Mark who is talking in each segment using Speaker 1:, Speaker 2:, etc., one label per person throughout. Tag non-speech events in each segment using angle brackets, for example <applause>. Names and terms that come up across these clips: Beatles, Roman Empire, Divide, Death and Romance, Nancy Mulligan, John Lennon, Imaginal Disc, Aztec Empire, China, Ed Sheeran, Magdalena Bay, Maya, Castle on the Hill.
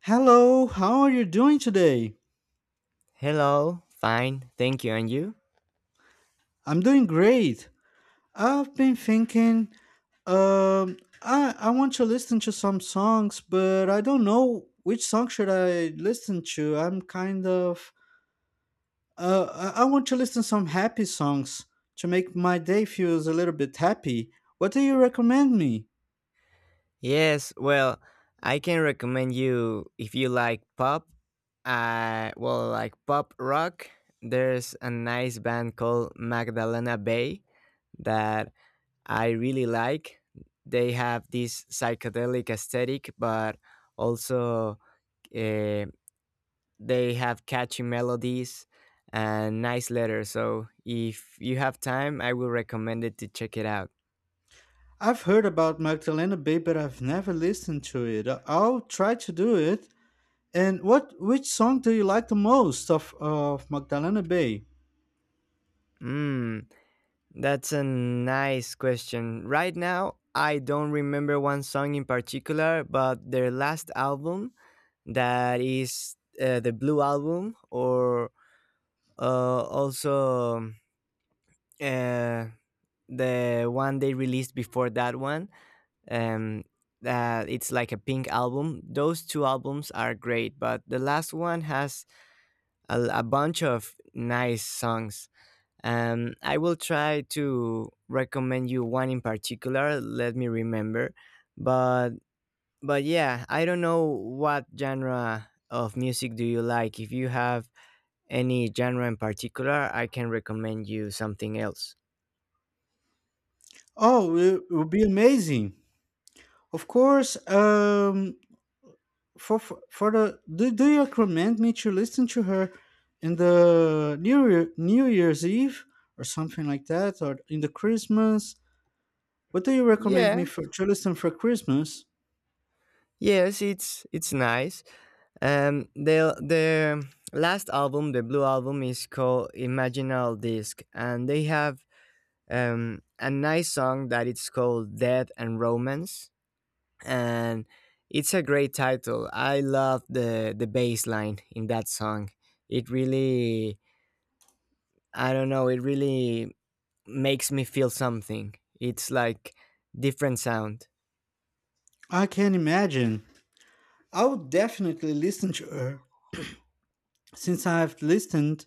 Speaker 1: Hello, how are you doing today?
Speaker 2: Hello, fine, thank you. And you?
Speaker 1: I'm doing great. I've been thinking, I want to listen to some songs, but I don't know which song should I listen to. I'm kind of, I want to listen some happy songs to make my day feels a little bit happy. What do you recommend me?
Speaker 2: Yes, well, I can recommend you if you like pop, well, like pop rock. There's a nice band called Magdalena Bay that I really like. They have this psychedelic aesthetic, but also, uh, they have catchy melodies and nice letters. So if you have time, I will recommend it to check it out.
Speaker 1: I've heard about Magdalena Bay, but I've never listened to it. I'll try to do it. And which song do you like the most of Magdalena Bay?
Speaker 2: Hmm. That's a nice question. Right now, I don't remember one song in particular, but their last album, that is, the Blue Album, or also uh, the one they released before that one, um, that it's like a pink album. Those two albums are great, but the last one has a bunch of nice songs. I will try to recommend you one in particular. Let me remember, but but yeah, I don't know what genre of music do you like. If you have any genre in particular, I can recommend you something else.
Speaker 1: Oh, it would be amazing. Of course. Do you recommend me to listen to her in the New Year's Eve or something like that, or in the Christmas? What do you recommend
Speaker 2: Yeah,
Speaker 1: me for to listen for Christmas?
Speaker 2: yes, it's nice. The last album, the blue album, is called Imaginal Disc, and they have a nice song that it's called Death and Romance, and it's a great title. I love the bass line in that song. It really, I don't know, it really makes me feel something. It's like different sound.
Speaker 1: I can imagine. I would definitely listen to her since I've listened.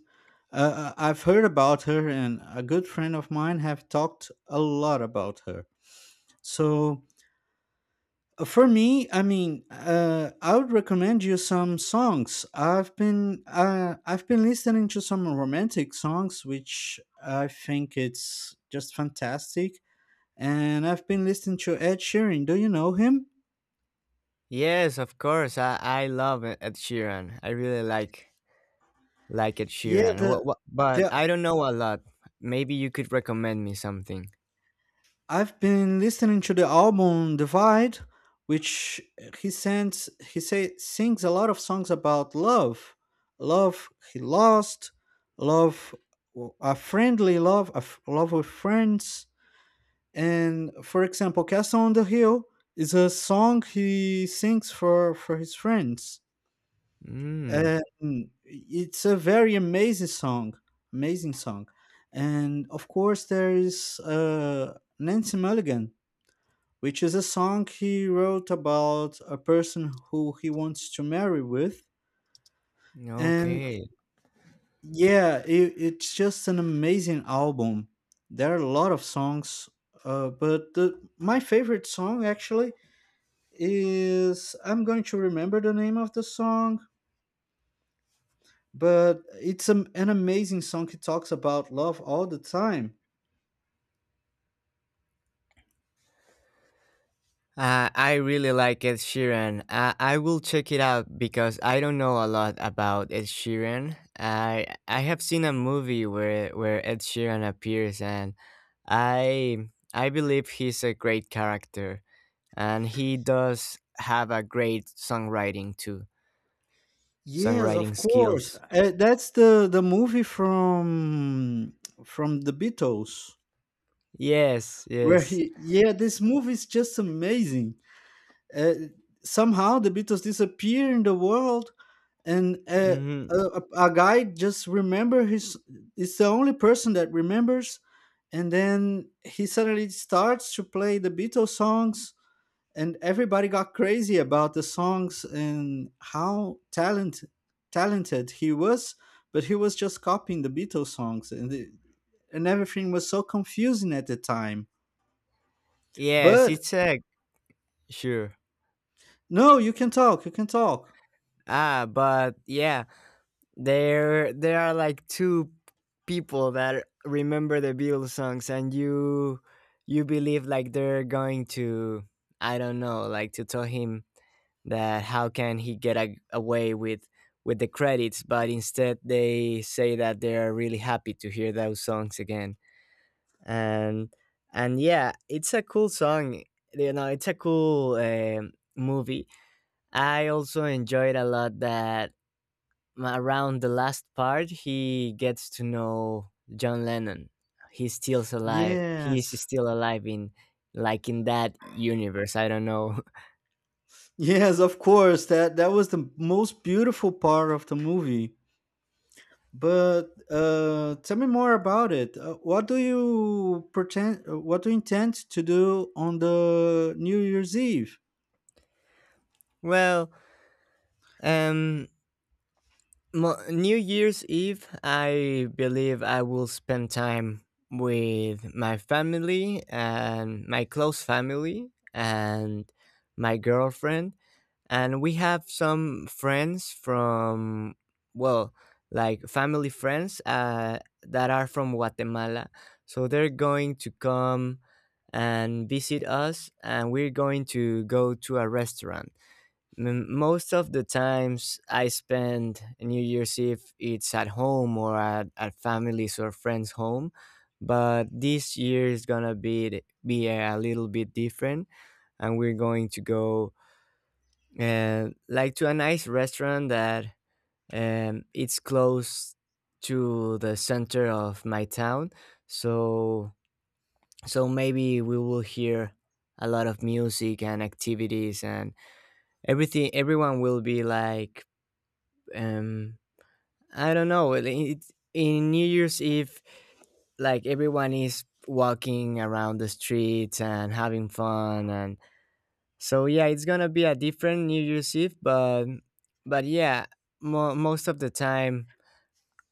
Speaker 1: I've heard about her, and a good friend of mine have talked a lot about her. So for me, I would recommend you some songs. I've been listening to some romantic songs, which I think it's just fantastic. And I've been listening to Ed Sheeran. Do you know him?
Speaker 2: Yes, of course. I love Ed Sheeran. I really like Ed
Speaker 1: Yeah,
Speaker 2: Sheeran.
Speaker 1: the
Speaker 2: But
Speaker 1: the
Speaker 2: I don't know a lot. Maybe you could recommend me something.
Speaker 1: I've been listening to the album Divide, which he sends he say sings a lot of songs about love, love he lost, love a friendly love, love with friends, and for example, Castle on the Hill is a song he sings for his friends,
Speaker 2: Mm,
Speaker 1: and it's a very amazing song, and of course there is Nancy Mulligan, which is a song he wrote about a person who he wants to marry with. And
Speaker 2: okay.
Speaker 1: yeah, it's just an amazing album. There are a lot of songs, but my favorite song actually is I'm going to remember the name of the song, but it's an amazing song. He talks about love all the time.
Speaker 2: I really like Ed Sheeran. I will check it out because I don't know a lot about Ed Sheeran. I have seen a movie where Ed Sheeran appears, and I believe he's a great character, and he does have a great
Speaker 1: Yes,
Speaker 2: songwriting
Speaker 1: of course.
Speaker 2: skills.
Speaker 1: That's the movie from the Beatles.
Speaker 2: Yes,
Speaker 1: Where
Speaker 2: yes,
Speaker 1: he, yeah, this movie is just amazing. Uh, somehow the Beatles disappear in the world, and
Speaker 2: hmm
Speaker 1: a guy just remember his. It's the only person that remembers, and then he suddenly starts to play the Beatles songs, and everybody got crazy about the songs and how talented he was, but he was just copying the Beatles songs, and everything was so confusing at the time.
Speaker 2: yes.
Speaker 1: But
Speaker 2: It's a sure.
Speaker 1: no, you can talk. You can talk.
Speaker 2: But yeah, there are like two people that remember the Beatles songs, and you believe like they're going to, I don't know, like to tell him that how can he get away with the credits, but instead they say that they are really happy to hear those songs again. And and yeah, it's a cool song. You know, it's a cool movie. I also enjoyed a lot that around the last part, he gets to know John Lennon. He's still alive. He is
Speaker 1: Yes.
Speaker 2: still alive in like in that universe. I don't know. <laughs>
Speaker 1: Yes, of course. That was the most beautiful part of the movie. But tell me more about it. What do you pretend? What do you intend to do on the New Year's Eve?
Speaker 2: Well, um, New Year's Eve, I believe I will spend time with my family and my close family and my girlfriend, and we have some friends from, well, like family friends, that are from Guatemala, so they're going to come and visit us, and we're going to go to a restaurant. Most of the times I spend New Year's Eve it's at home or at families or friends home, but this year is gonna be a little bit different, and we're going to go, and like, to a nice restaurant that, it's close to the center of my town. So so maybe we will hear a lot of music and activities, and everything, everyone will be like, um I don't know, in New Year's Eve like everyone is walking around the streets and having fun. And so yeah, it's gonna be a different New Year's Eve, but yeah, most of the time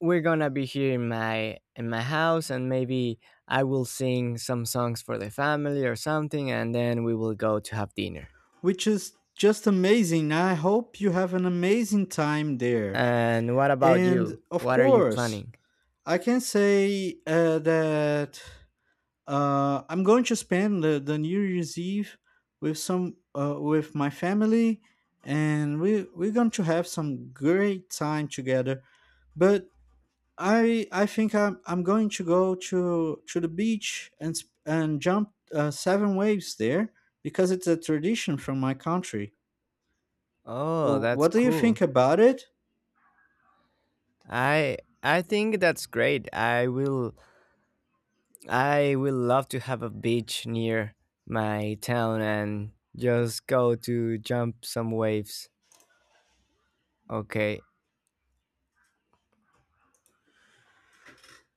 Speaker 2: we're gonna be here in my house, and maybe I will sing some songs for the family or something, and then we will go to have dinner.
Speaker 1: Which is just amazing. I hope you have an amazing time there.
Speaker 2: And what about
Speaker 1: And
Speaker 2: you?
Speaker 1: of
Speaker 2: What are you
Speaker 1: course,
Speaker 2: planning?
Speaker 1: I can say that I'm going to spend the New Year's Eve with some with my family, and we're going to have some great time together. But I think I'm going to go to the beach and jump 7 waves there because it's a tradition from my country.
Speaker 2: Oh,
Speaker 1: W-
Speaker 2: that's
Speaker 1: What do you
Speaker 2: cool.
Speaker 1: think about it?
Speaker 2: I I think that's great. I will love to have a beach near my town and just go to jump some waves. Okay,